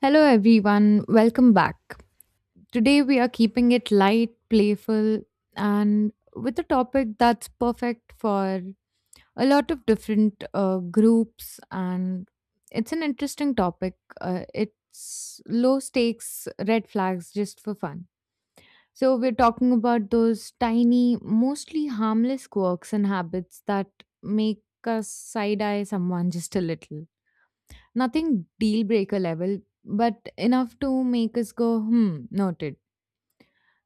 Hello, everyone. Welcome back. Today, we are keeping it light, playful, and with a topic that's perfect for a lot of different groups. And it's an interesting topic. It's low stakes red flags just for fun. So, we're talking about those tiny, mostly harmless quirks and habits that make us side eye someone just a little. Nothing deal breaker level, but enough to make us go, hmm, noted.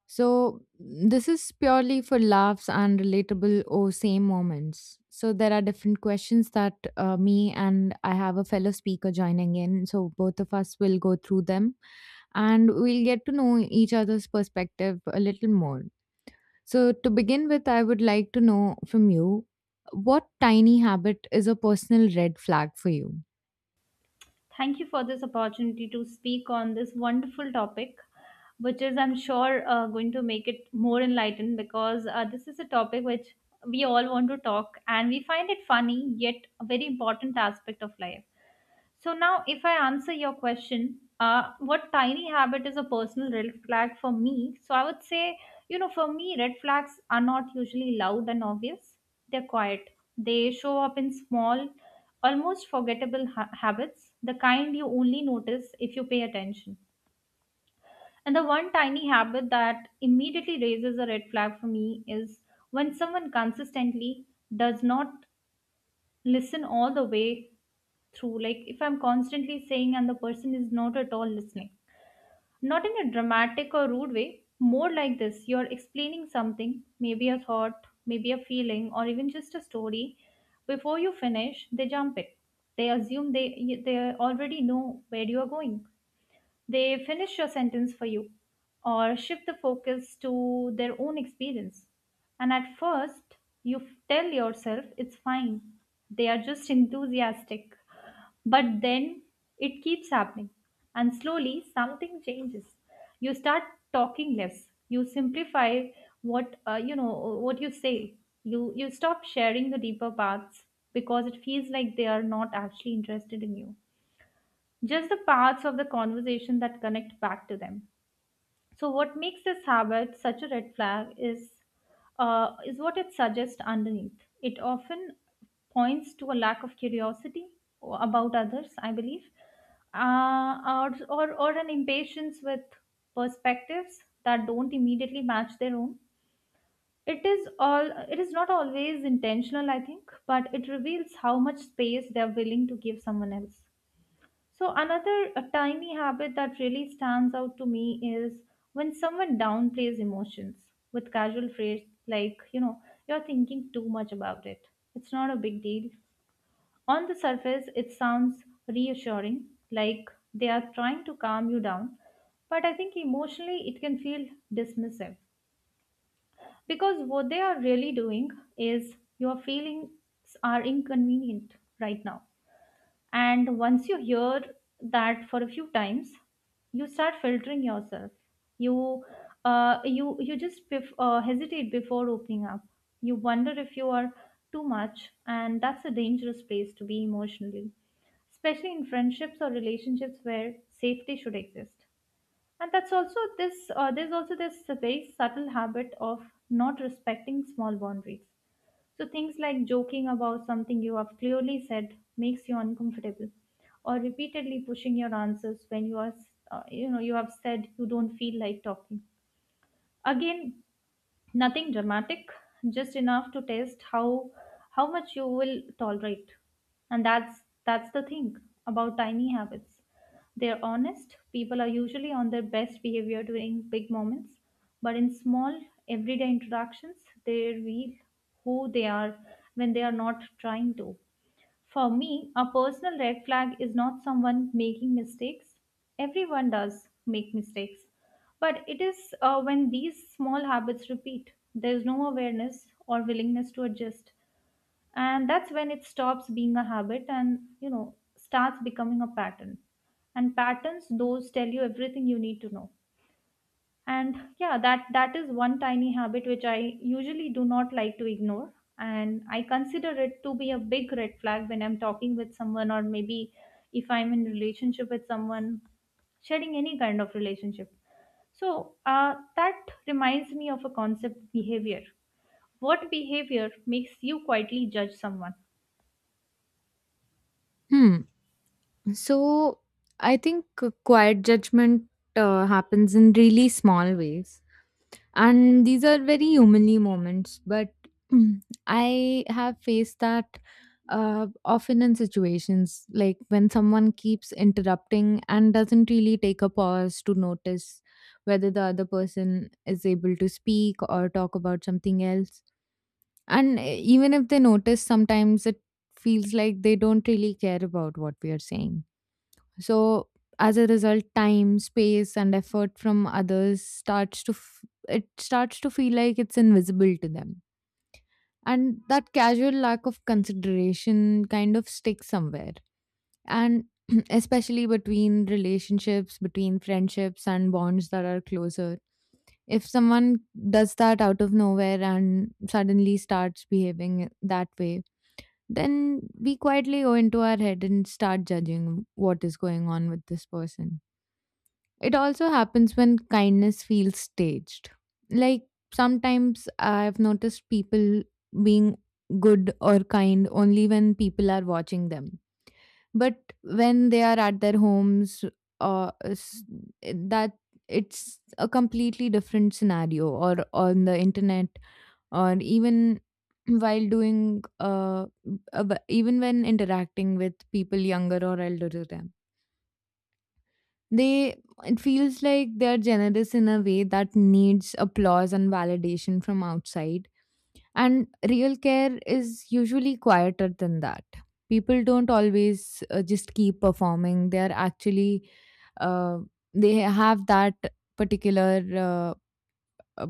So this is purely for laughs and relatable or same moments. So there are different questions that me and I have a fellow speaker joining in. So both of us will go through them and we'll get to know each other's perspective a little more. So to begin with, I would like to know from you, what tiny habit is a personal red flag for you? Thank you for this opportunity to speak on this wonderful topic, which is, I'm sure, going to make it more enlightened because this is a topic which we all want to talk and we find it funny yet a very important aspect of life. So now, if I answer your question, what tiny habit is a personal red flag for me? So I would say, you know, for me, red flags are not usually loud and obvious. They're quiet. They show up in small, almost forgettable habits, the kind you only notice if you pay attention. And the one tiny habit that immediately raises a red flag for me is when someone consistently does not listen all the way through, like if I'm constantly saying and the person is not at all listening, not in a dramatic or rude way, more like this. You're explaining something, maybe a thought, maybe a feeling, or even just a story. Before you finish, they jump it. They assume they already know where you are going. They finish your sentence for you or shift the focus to their own experience. And at first tell yourself it's fine, they are just enthusiastic. But then it keeps happening, and slowly something changes. You start talking less. You simplify what you say. You stop sharing the deeper parts because it feels like they are not actually interested in you. Just the parts of the conversation that connect back to them. So, what makes this habit such a red flag is what it suggests underneath. It often points to a lack of curiosity about others, I believe, or an impatience with perspectives that don't immediately match their own. It is all. It is not always intentional, I think, but it reveals how much space they are willing to give someone else. So, another a tiny habit that really stands out to me is when someone downplays emotions with casual phrase like, you know, you're thinking too much about it. It's not a big deal. On the surface, it sounds reassuring, like they are trying to calm you down. But I think emotionally, it can feel dismissive, because what they are really doing is your feelings are inconvenient right now. And once you hear that for a few times, you start filtering yourself. You, you hesitate before opening up. You wonder if you are too much, and that's a dangerous place to be emotionally, especially in friendships or relationships where safety should exist. And that's also this. There's also this very subtle habit of not respecting small boundaries, so things like joking about something you have clearly said makes you uncomfortable, or repeatedly pushing your answers when you have said you don't feel like talking. Again, nothing dramatic, just enough to test how much you will tolerate. And that's the thing about tiny habits. They're honest. People are usually on their best behavior during big moments, but in small everyday interactions, they reveal who they are when they are not trying to. For me, a personal red flag is not someone making mistakes. Everyone does make mistakes. But it is, when these small habits repeat, there is no awareness or willingness to adjust. And that's when it stops being a habit and, you know, starts becoming a pattern. And patterns, those tell you everything you need to know. And yeah, that that is one tiny habit which I usually do not like to ignore, and I consider it to be a big red flag when I'm talking with someone, or maybe if I'm in relationship with someone, sharing any kind of relationship. So that reminds me of a concept behavior. What behavior makes you quietly judge someone? Hmm. So I think quiet judgment happens in really small ways, and these are very humanly moments. But mm, I have faced that often in situations like when someone keeps interrupting and doesn't really take a pause to notice whether the other person is able to speak or talk about something else. And even if they notice, sometimes it feels like they don't really care about what we are saying. So as a result, time, space, and effort from others it starts to feel like it's invisible to them. And that casual lack of consideration kind of sticks somewhere. And especially between relationships, between friendships and bonds that are closer. If someone does that out of nowhere and suddenly starts behaving that way, then we quietly go into our head and start judging what is going on with this person. It also happens when kindness feels staged. Like sometimes I've noticed people being good or kind only when people are watching them. But when they are at their homes, uh, s- that, it's a completely different scenario, or on the internet, or even while doing even when interacting with people younger or elder to them, they, it feels like they're generous in a way that needs applause and validation from outside. And real care is usually quieter than that. People don't always just keep performing. They're actually, uh, they have that particular uh,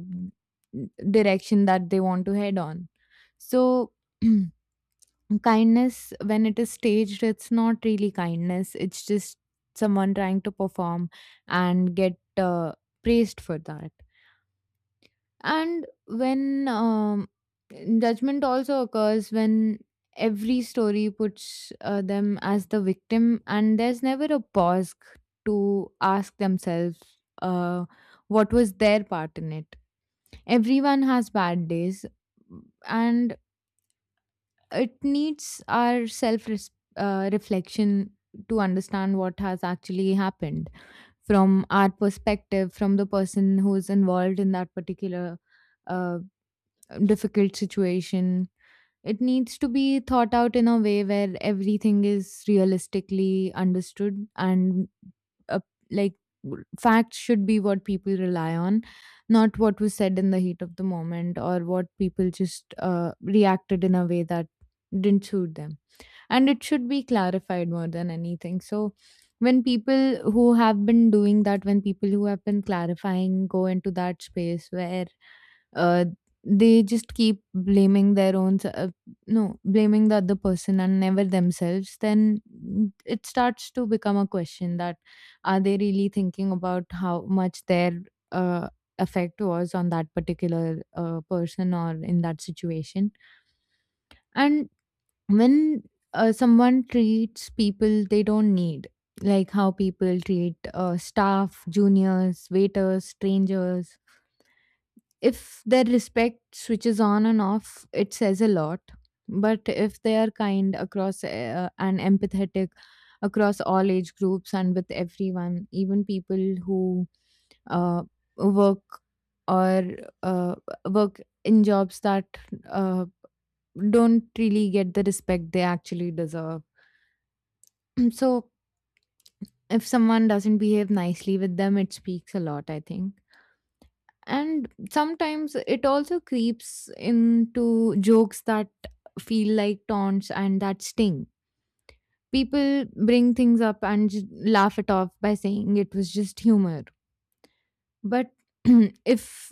direction that they want to head on. So, kindness, when it is staged, it's not really kindness, it's just someone trying to perform and get praised for that. And when judgment also occurs when every story puts them as the victim, and there's never a pause to ask themselves uh, what was their part in it. Everyone has bad days, and it needs our self reflection to understand what has actually happened from our perspective, from the person who is involved in that particular uh, difficult situation. It needs to be thought out in a way where everything is realistically understood, and uh, like, facts should be what people rely on, not what was said in the heat of the moment, or what people just reacted in a way that didn't suit them. And it should be clarified more than anything. So when people who have been doing that, when people who have been clarifying go into that space where uh, they just keep blaming their own s- no blaming the other person and never themselves, then it starts to become a question that, are they really thinking about how much their uh, effect was on that particular person or in that situation? And when someone treats people they don't need, like how people treat staff, juniors, waiters, strangers, if their respect switches on and off, it says a lot. But if they are kind across and empathetic across all age groups and with everyone, even people who uh, work, or uh, work in jobs that uh, don't really get the respect they actually deserve. So if someone doesn't behave nicely with them, it speaks a lot, I think. And sometimes it also creeps into jokes that feel like taunts and that sting. People bring things up and laugh it off by saying it was just humor. But if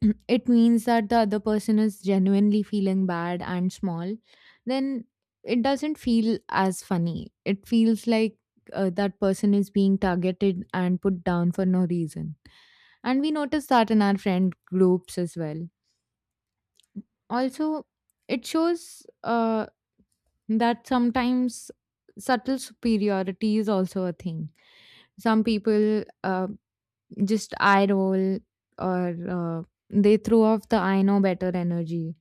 it means that the other person is genuinely feeling bad and small, then it doesn't feel as funny. It feels like that person is being targeted and put down for no reason. And we notice that in our friend groups as well. Also, it shows that sometimes subtle superiority is also a thing. Some people just eye roll, or they throw off the I know better energy.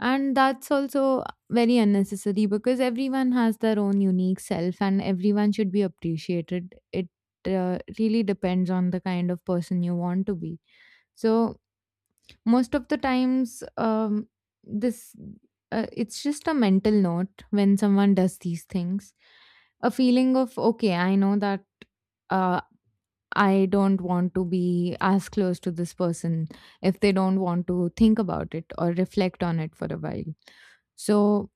And that's also very unnecessary, because everyone has their own unique self and everyone should be appreciated. It really depends on the kind of person you want to be. So, most of the times, this, it's just a mental note when someone does these things. A feeling of okay, I know that uh, I don't want to be as close to this person if they don't want to think about it or reflect on it for a while. So,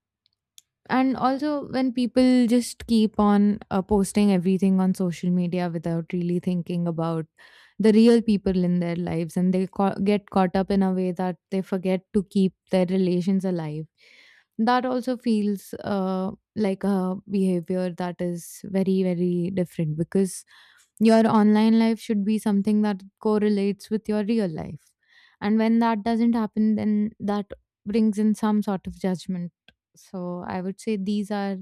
and also when people just keep on posting everything on social media without really thinking about the real people in their lives, and they get caught up in a way that they forget to keep their relations alive, that also feels like a behavior that is very very different, because your online life should be something that correlates with your real life, and when that doesn't happen, then that brings in some sort of judgment. So I would say these are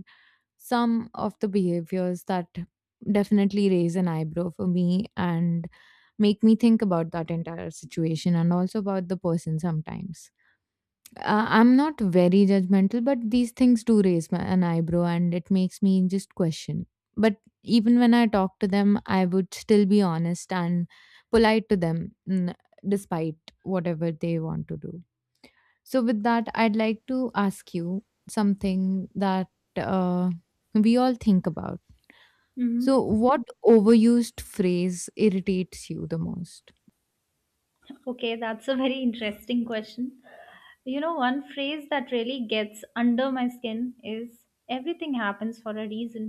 some of the behaviors that definitely raise an eyebrow for me, and make me think about that entire situation and also about the person sometimes. I'm not very judgmental, but these things do raise my, an eyebrow, and it makes me just question. But even when I talk to them, I would still be honest and polite to them, despite whatever they want to do. So, with that, I'd like to ask you something that uh, we all think about. Hmm. So, what overused phrase irritates you the most? Okay, that's a very interesting question. You know, one phrase that really gets under my skin is everything happens for a reason.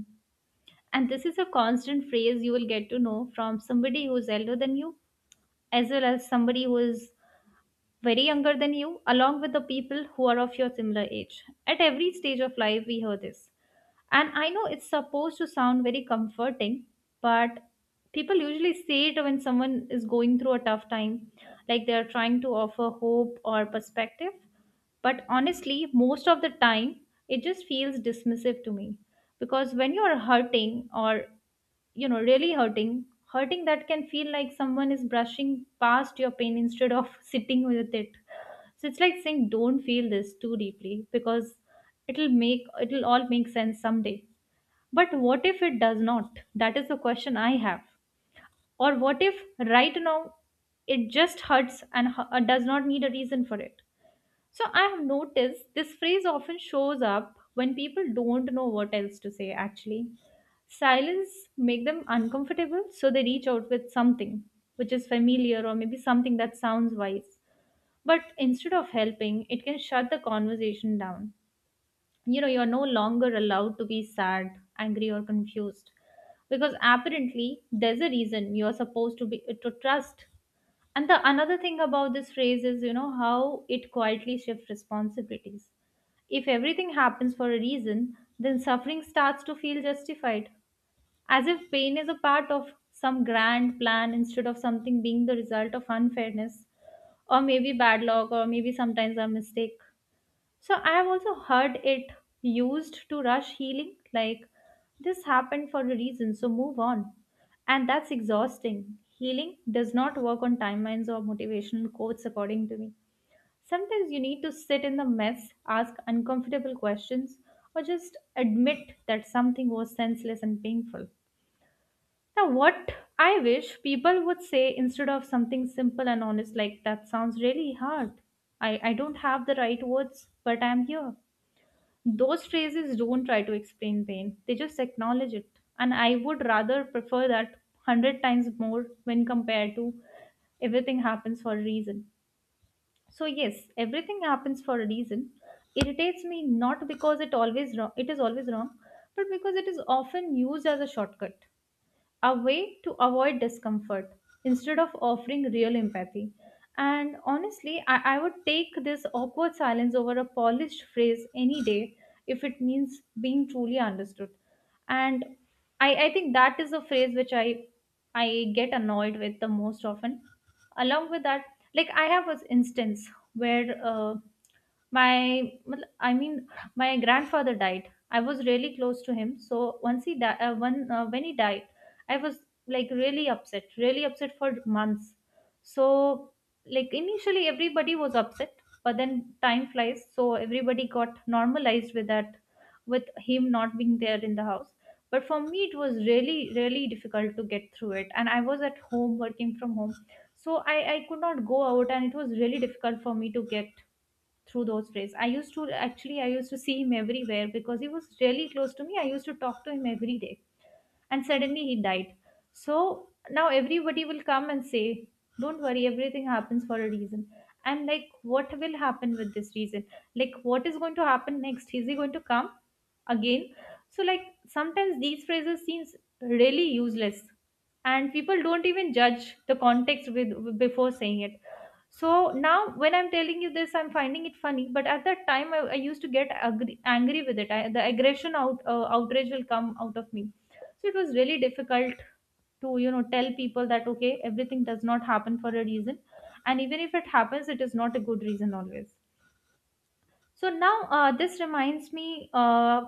And this is a constant phrase you will get to know from somebody who's elder than you, as well as somebody who is very younger than you, along with the people who are of your similar age. At every stage of life, we hear this. And I know it's supposed to sound very comforting, but people usually say it when someone is going through a tough time, like they're trying to offer hope or perspective. But honestly, most of the time, it just feels dismissive to me. Because when you're hurting, or, you know, really hurting, that can feel like someone is brushing past your pain instead of sitting with it. So it's like saying, don't feel this too deeply because it'll all make sense someday. But what if it does not? That is the question I have. Or what if, right now, it just hurts and does not need a reason for it? So I have noticed this phrase often shows up when people don't know what else to say actually. Silence make them uncomfortable, so they reach out with something which is familiar, or maybe something that sounds wise. But instead of helping, it can shut the conversation down. You know, you're no longer allowed to be sad, angry or confused, because apparently there's a reason you're supposed to be to trust. And the another thing about this phrase is, you know, how it quietly shifts responsibilities. If everything happens for a reason, then suffering starts to feel justified, as if pain is a part of some grand plan instead of something being the result of unfairness, or maybe bad luck, or maybe sometimes a mistake. So I've also heard it used to rush healing, like, this happened for a reason, so move on. And that's exhausting. Healing does not work on timelines or motivational quotes, according to me. Sometimes you need to sit in the mess, ask uncomfortable questions, or just admit that something was senseless and painful. Now, what I wish people would say instead of something simple and honest, like, that sounds really hard. I don't have the right words, but I'm here. Those phrases don't try to explain pain, they just acknowledge it. And I would rather prefer that 100 times more when compared to everything happens for a reason. So yes, everything happens for a reason. Irritates me not because it always wrong, it is always wrong, but because it is often used as a shortcut, a way to avoid discomfort instead of offering real empathy. And honestly, I would take this awkward silence over a polished phrase any day if it means being truly understood. And I think that is a phrase which I get annoyed with the most often. Along with that, like, I have an instance where my मतलब, I mean, my grandfather died. I was really close to him, so once he died, when he died, I was like really upset for months. So, like, initially everybody was upset, but then time flies. So, everybody got normalized with that, with him not being there in the house. But for me, it was really, really difficult to get through it. And I was at home working from home. So, I could not go out, and it was really difficult for me to get through those days. I used to see him everywhere because he was really close to me. I used to talk to him every day and suddenly he died. So now everybody will come and say, don't worry, everything happens for a reason. I'm like, what will happen with this reason? Like, what is going to happen next? Is he going to come again? So, like, sometimes these phrases seems really useless, and people don't even judge the context with before saying it. So now, when I'm telling you this, I'm finding it funny. But at that time, I used to get angry, angry with it. I, the aggression out, outrage will come out of me. So it was really difficult to, you know, tell people that, okay, everything does not happen for a reason, and even if it happens, it is not a good reason always. So now, this reminds me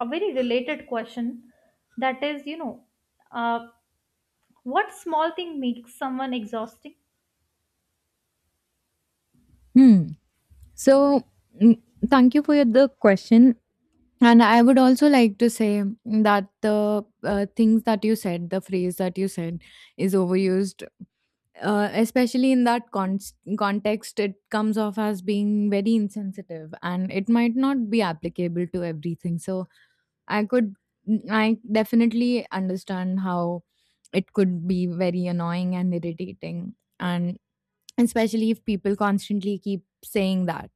a very related question, that is, you know, uh, what small thing makes someone exhausting? Hmm. So, mm, thank you for your, the question. And I would also like to say that the things that you said, the phrase that you said, is overused. Especially in that context, it comes off as being very insensitive and it might not be applicable to everything. So, I could, I definitely understand how it could be very annoying and irritating, and especially if people constantly keep saying that.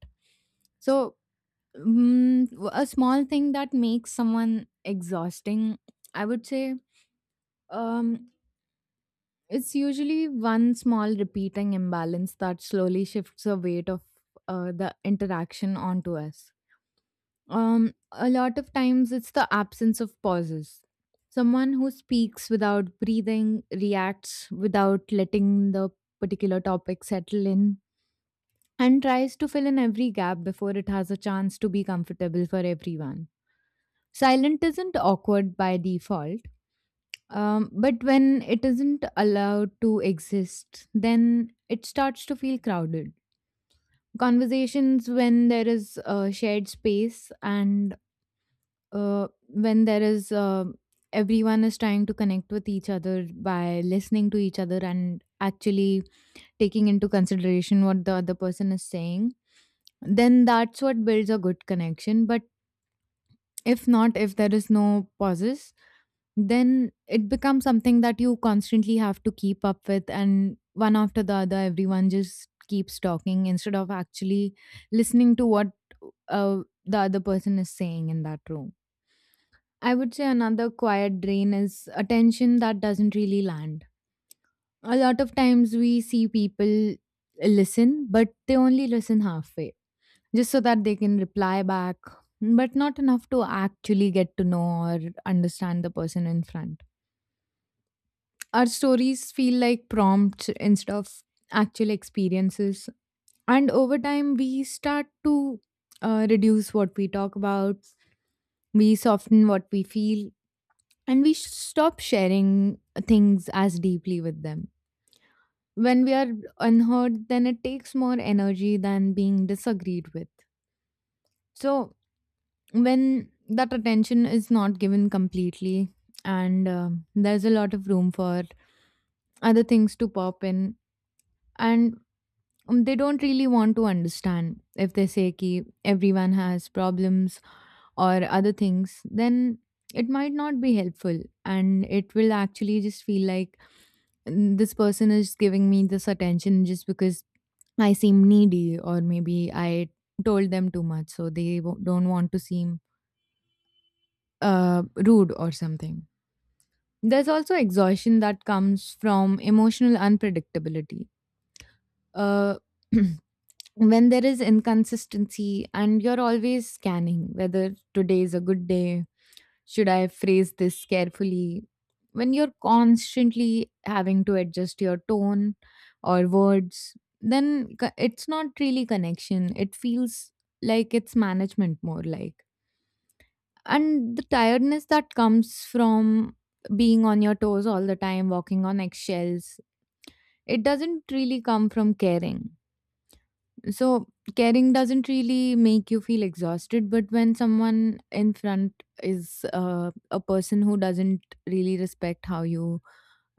So, a small thing that makes someone exhausting, I would say, um it's usually one small repeating imbalance that slowly shifts the weight of the interaction onto us. A lot of times it's the absence of pauses. Someone who speaks without breathing, reacts without letting the particular topic settle in, and tries to fill in every gap before it has a chance to be comfortable for everyone. Silent isn't awkward by default, but when it isn't allowed to exist, then it starts to feel crowded. Conversations, when there is a shared space, and when there is everyone is trying to connect with each other by listening to each other and actually taking into consideration what the other person is saying, then that's what builds a good connection. But if not, if there is no pauses, then it becomes something that you constantly have to keep up with, and one after the other everyone just keeps talking instead of actually listening to what uh, the other person is saying in that room. I would say another quiet drain is attention that doesn't really land. A lot of times we see people listen, but they only listen halfway, just so that they can reply back, but not enough to actually get to know or understand the person in front. Our stories feel like prompts instead of actual experiences. And over time, we start to reduce what we talk about, we soften what we feel, and we stop sharing things as deeply with them. When we are unheard, then it takes more energy than being disagreed with. So, when that attention is not given completely, and there's a lot of room for other things to pop in, and they don't really want to understand, if they say ki everyone has problems or other things, then it might not be helpful and it will actually just feel like this person is giving me this attention just because I seem needy, or maybe I told them too much, so they don't want to seem rude or something. There's also exhaustion that comes from emotional unpredictability. Uh, when there is inconsistency and you're always scanning whether today is a good day, should I phrase this carefully? When you're constantly having to adjust your tone or words, then it's not really connection. It feels like it's management more like. And the tiredness that comes from being on your toes all the time, walking on eggshells, it doesn't really come from caring. So caring doesn't really make you feel exhausted, but when someone in front is a person who doesn't really respect how you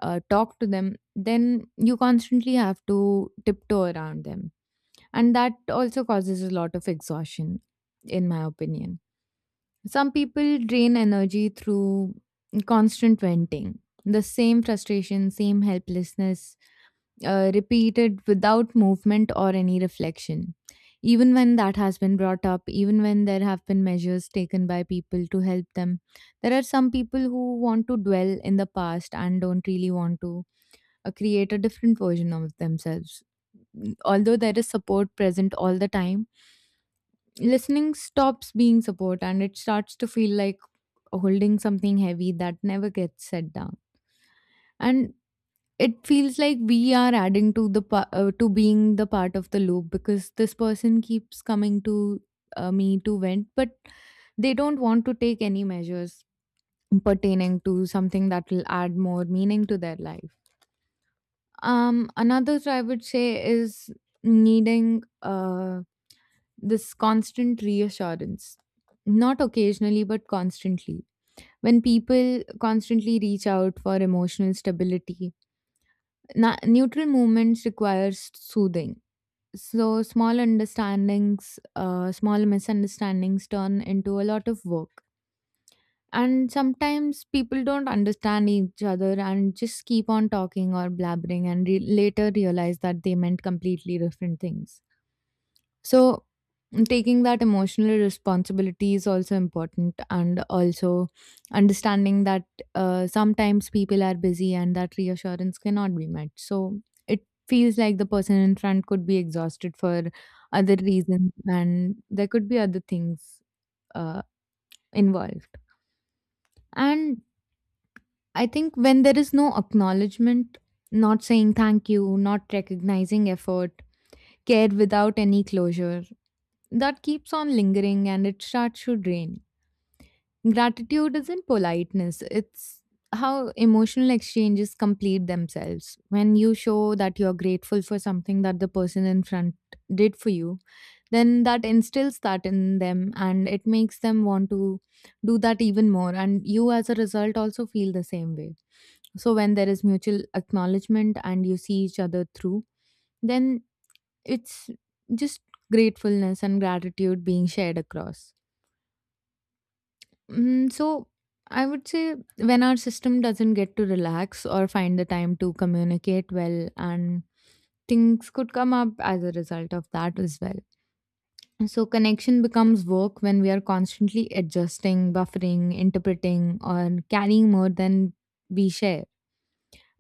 talk to them, then you constantly have to tiptoe around them. And that also causes a lot of exhaustion, in my opinion. Some people drain energy through constant venting, the same frustration, same helplessness, repeated without movement or any reflection. Even when that has been brought up, even when there have been measures taken by people to help them, there are some people who want to dwell in the past and don't really want to create a different version of themselves. Although there is support present all the time, listening stops being support and it starts to feel like holding something heavy that never gets set down, and it feels like we are adding to the to being the part of the loop because this person keeps coming to me to vent, but they don't want to take any measures pertaining to something that will add more meaning to their life. Another I would say is needing this constant reassurance, not occasionally but constantly. When people constantly reach out for emotional stability, neutral movements requires soothing. So small understandings, small misunderstandings turn into a lot of work. And sometimes people don't understand each other and just keep on talking or blabbering and later realize that they meant completely different things. So, taking that emotional responsibility is also important, and also understanding that sometimes people are busy and that reassurance cannot be met. So, it feels like the person in front could be exhausted for other reasons, and there could be other things uh, involved. And I think when there is no acknowledgement, not saying thank you, not recognizing effort, care without any closure, that keeps on lingering and it starts to drain. Gratitude isn't politeness, it's how emotional exchanges complete themselves. When you show that you're grateful for something that the person in front did for you, then that instills that in them and it makes them want to do that even more. And you, as a result, also feel the same way. So, when there is mutual acknowledgement and you see each other through, then it's just gratefulness and gratitude being shared across. Mm, so I would say when our system doesn't get to relax or find the time to communicate well, and things could come up as a result of that as well. So connection becomes work when we are constantly adjusting, buffering, interpreting, or carrying more than we share.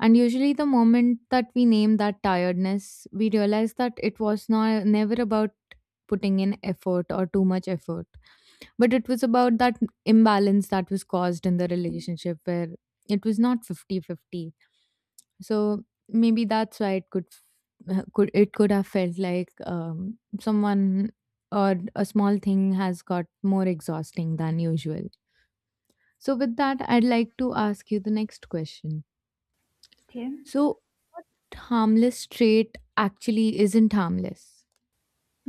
And usually, the moment that we name that tiredness, we realize that it was not never about putting in effort or too much effort, but it was about that imbalance that was caused in the relationship where it was not fifty-fifty. So maybe that's why it could, f- could it could have felt like someone or a small thing has got more exhausting than usual. So, with that, I'd like to ask you the next question. Okay. So, what harmless trait actually isn't harmless?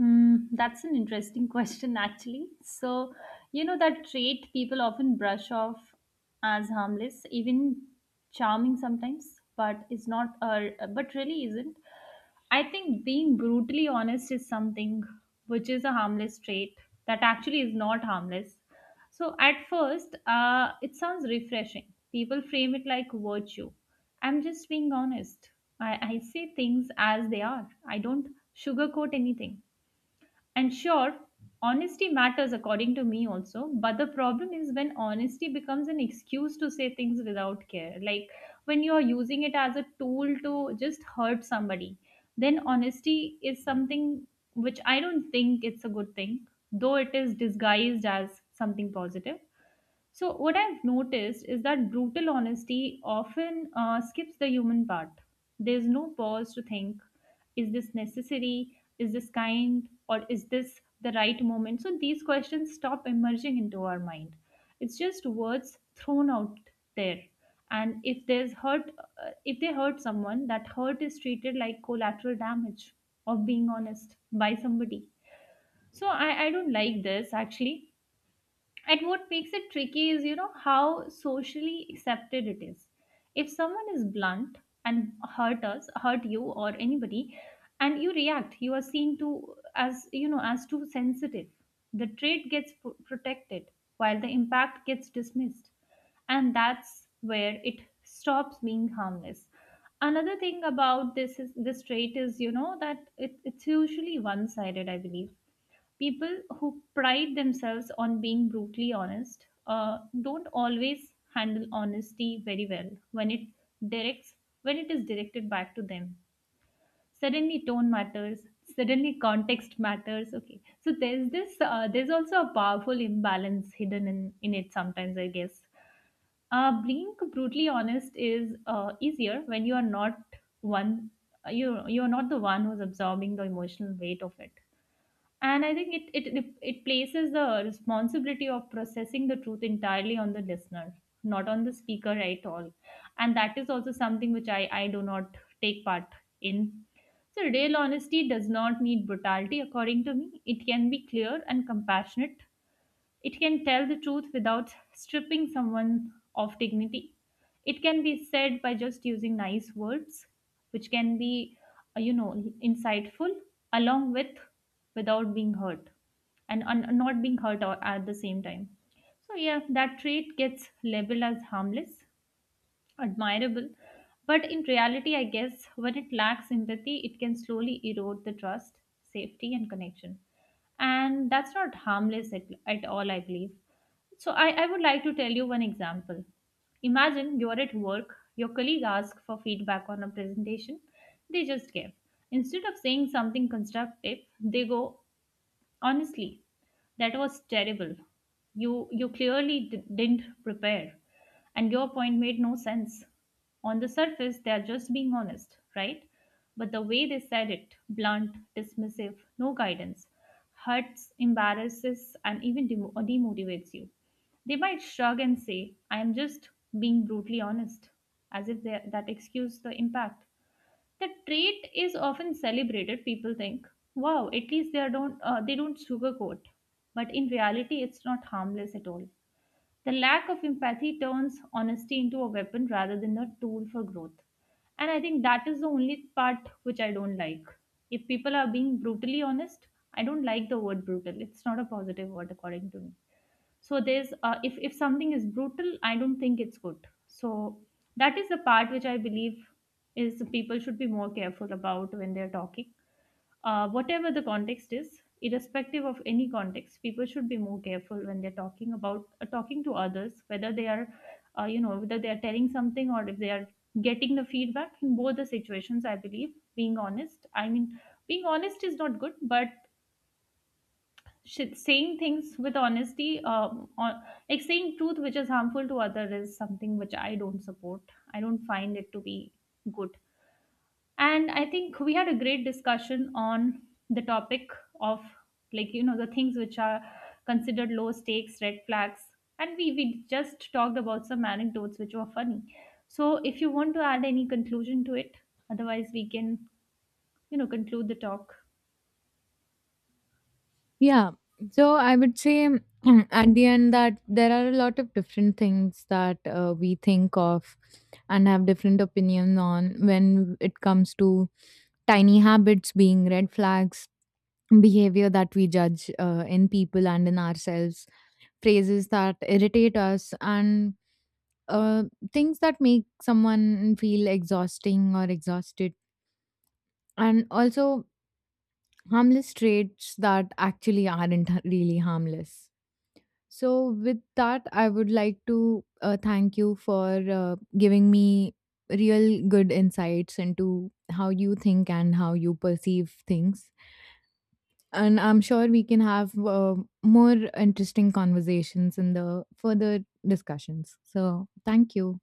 Mm, that's an interesting question, actually. So, you know, that trait people often brush off as harmless, even charming sometimes, but is not, or but really isn't. I think being brutally honest is something which is a harmless trait that actually is not harmless. So, at first, it sounds refreshing. People frame it like virtue. I'm just being honest. I say things as they are. I don't sugarcoat anything, and sure, honesty matters according to me also, but the problem is when honesty becomes an excuse to say things without care. Like when you're using it as a tool to just hurt somebody, then honesty is something which I don't think it's a good thing, though it is disguised as something positive. So, what I've noticed is that brutal honesty often skips the human part. There's no pause to think, is this necessary? Is this kind? Or is this the right moment? So, these questions stop emerging into our mind. It's just words thrown out there. And if there's hurt, if they hurt someone, that hurt is treated like collateral damage of being honest by somebody. So, I don't like this actually, and what makes it tricky is, you know, how socially accepted it is. If someone is blunt and hurt us, hurt you or anybody, and you react, you are seen to as, you know, as too sensitive. The trait gets protected while the impact gets dismissed, and that's where it stops being harmless. Another thing about this is this trait is, you know, that it's usually one-sided, I believe. People who pride themselves on being brutally honest don't always handle honesty very well when it directs when it is directed back to them. Suddenly tone matters, suddenly context matters. Okay, so there's this, there's also a powerful imbalance hidden in it sometimes, I guess. Being brutally honest is easier when you are not one you're not the one who's absorbing the emotional weight of it. And I think it places the responsibility of processing the truth entirely on the listener, not on the speaker at all. And that is also something which I do not take part in. So real honesty does not need brutality. According to me, it can be clear and compassionate. It can tell the truth without stripping someone of dignity. It can be said by just using nice words, which can be, uh, you know, insightful, along with without being hurt and not being hurt at the same time. So, yeah, that trait gets labeled as harmless, admirable. But in reality, I guess when it lacks empathy, it can slowly erode the trust, safety, and connection. And that's not harmless at all, I believe. So, I would like to tell you one example. Imagine you're at work, your colleague asks for feedback on a presentation, they just give. Instead of saying something constructive, they go, honestly, that was terrible. You clearly didn't prepare, and your point made no sense. On the surface, they are just being honest, right? But the way they said it, blunt, dismissive, no guidance, hurts, embarrasses, and even demotivates you. They might shrug and say, I am just being brutally honest, as if they, that excused the impact. The trait is often celebrated. People think, "Wow, at least they are don't they don't sugarcoat." But in reality, it's not harmless at all. The lack of empathy turns honesty into a weapon rather than a tool for growth. And I think that is the only part which I don't like. If people are being brutally honest, I don't like the word brutal. It's not a positive word according to me. So there's if something is brutal, I don't think it's good. So that is the part which I believe is people should be more careful about when they're talking, whatever the context is. Irrespective of any context, people should be more careful when they're talking about talking to others, whether they are whether they are telling something or if they are getting the feedback. In both the situations, I believe being honest, I mean being honest is not good, but saying things with honesty on, like saying truth which is harmful to other is something which I don't support. I don't find it to be good. And I think we had a great discussion on the topic of, like, you know, the things which are considered low stakes red flags, and we just talked about some anecdotes which were funny. So if you want to add any conclusion to it, otherwise we can, you know, conclude the talk. Yeah. So, I would say at the end that there are a lot of different things that we think of and have different opinions on when it comes to tiny habits being red flags, behavior that we judge in people and in ourselves, phrases that irritate us, and uh, things that make someone feel exhausting or exhausted, and also harmless traits that actually aren't really harmless. So, with that, I would like to thank you for giving me real good insights into how you think and how you perceive things, and I'm sure we can have more interesting conversations in the further discussions. So, thank you.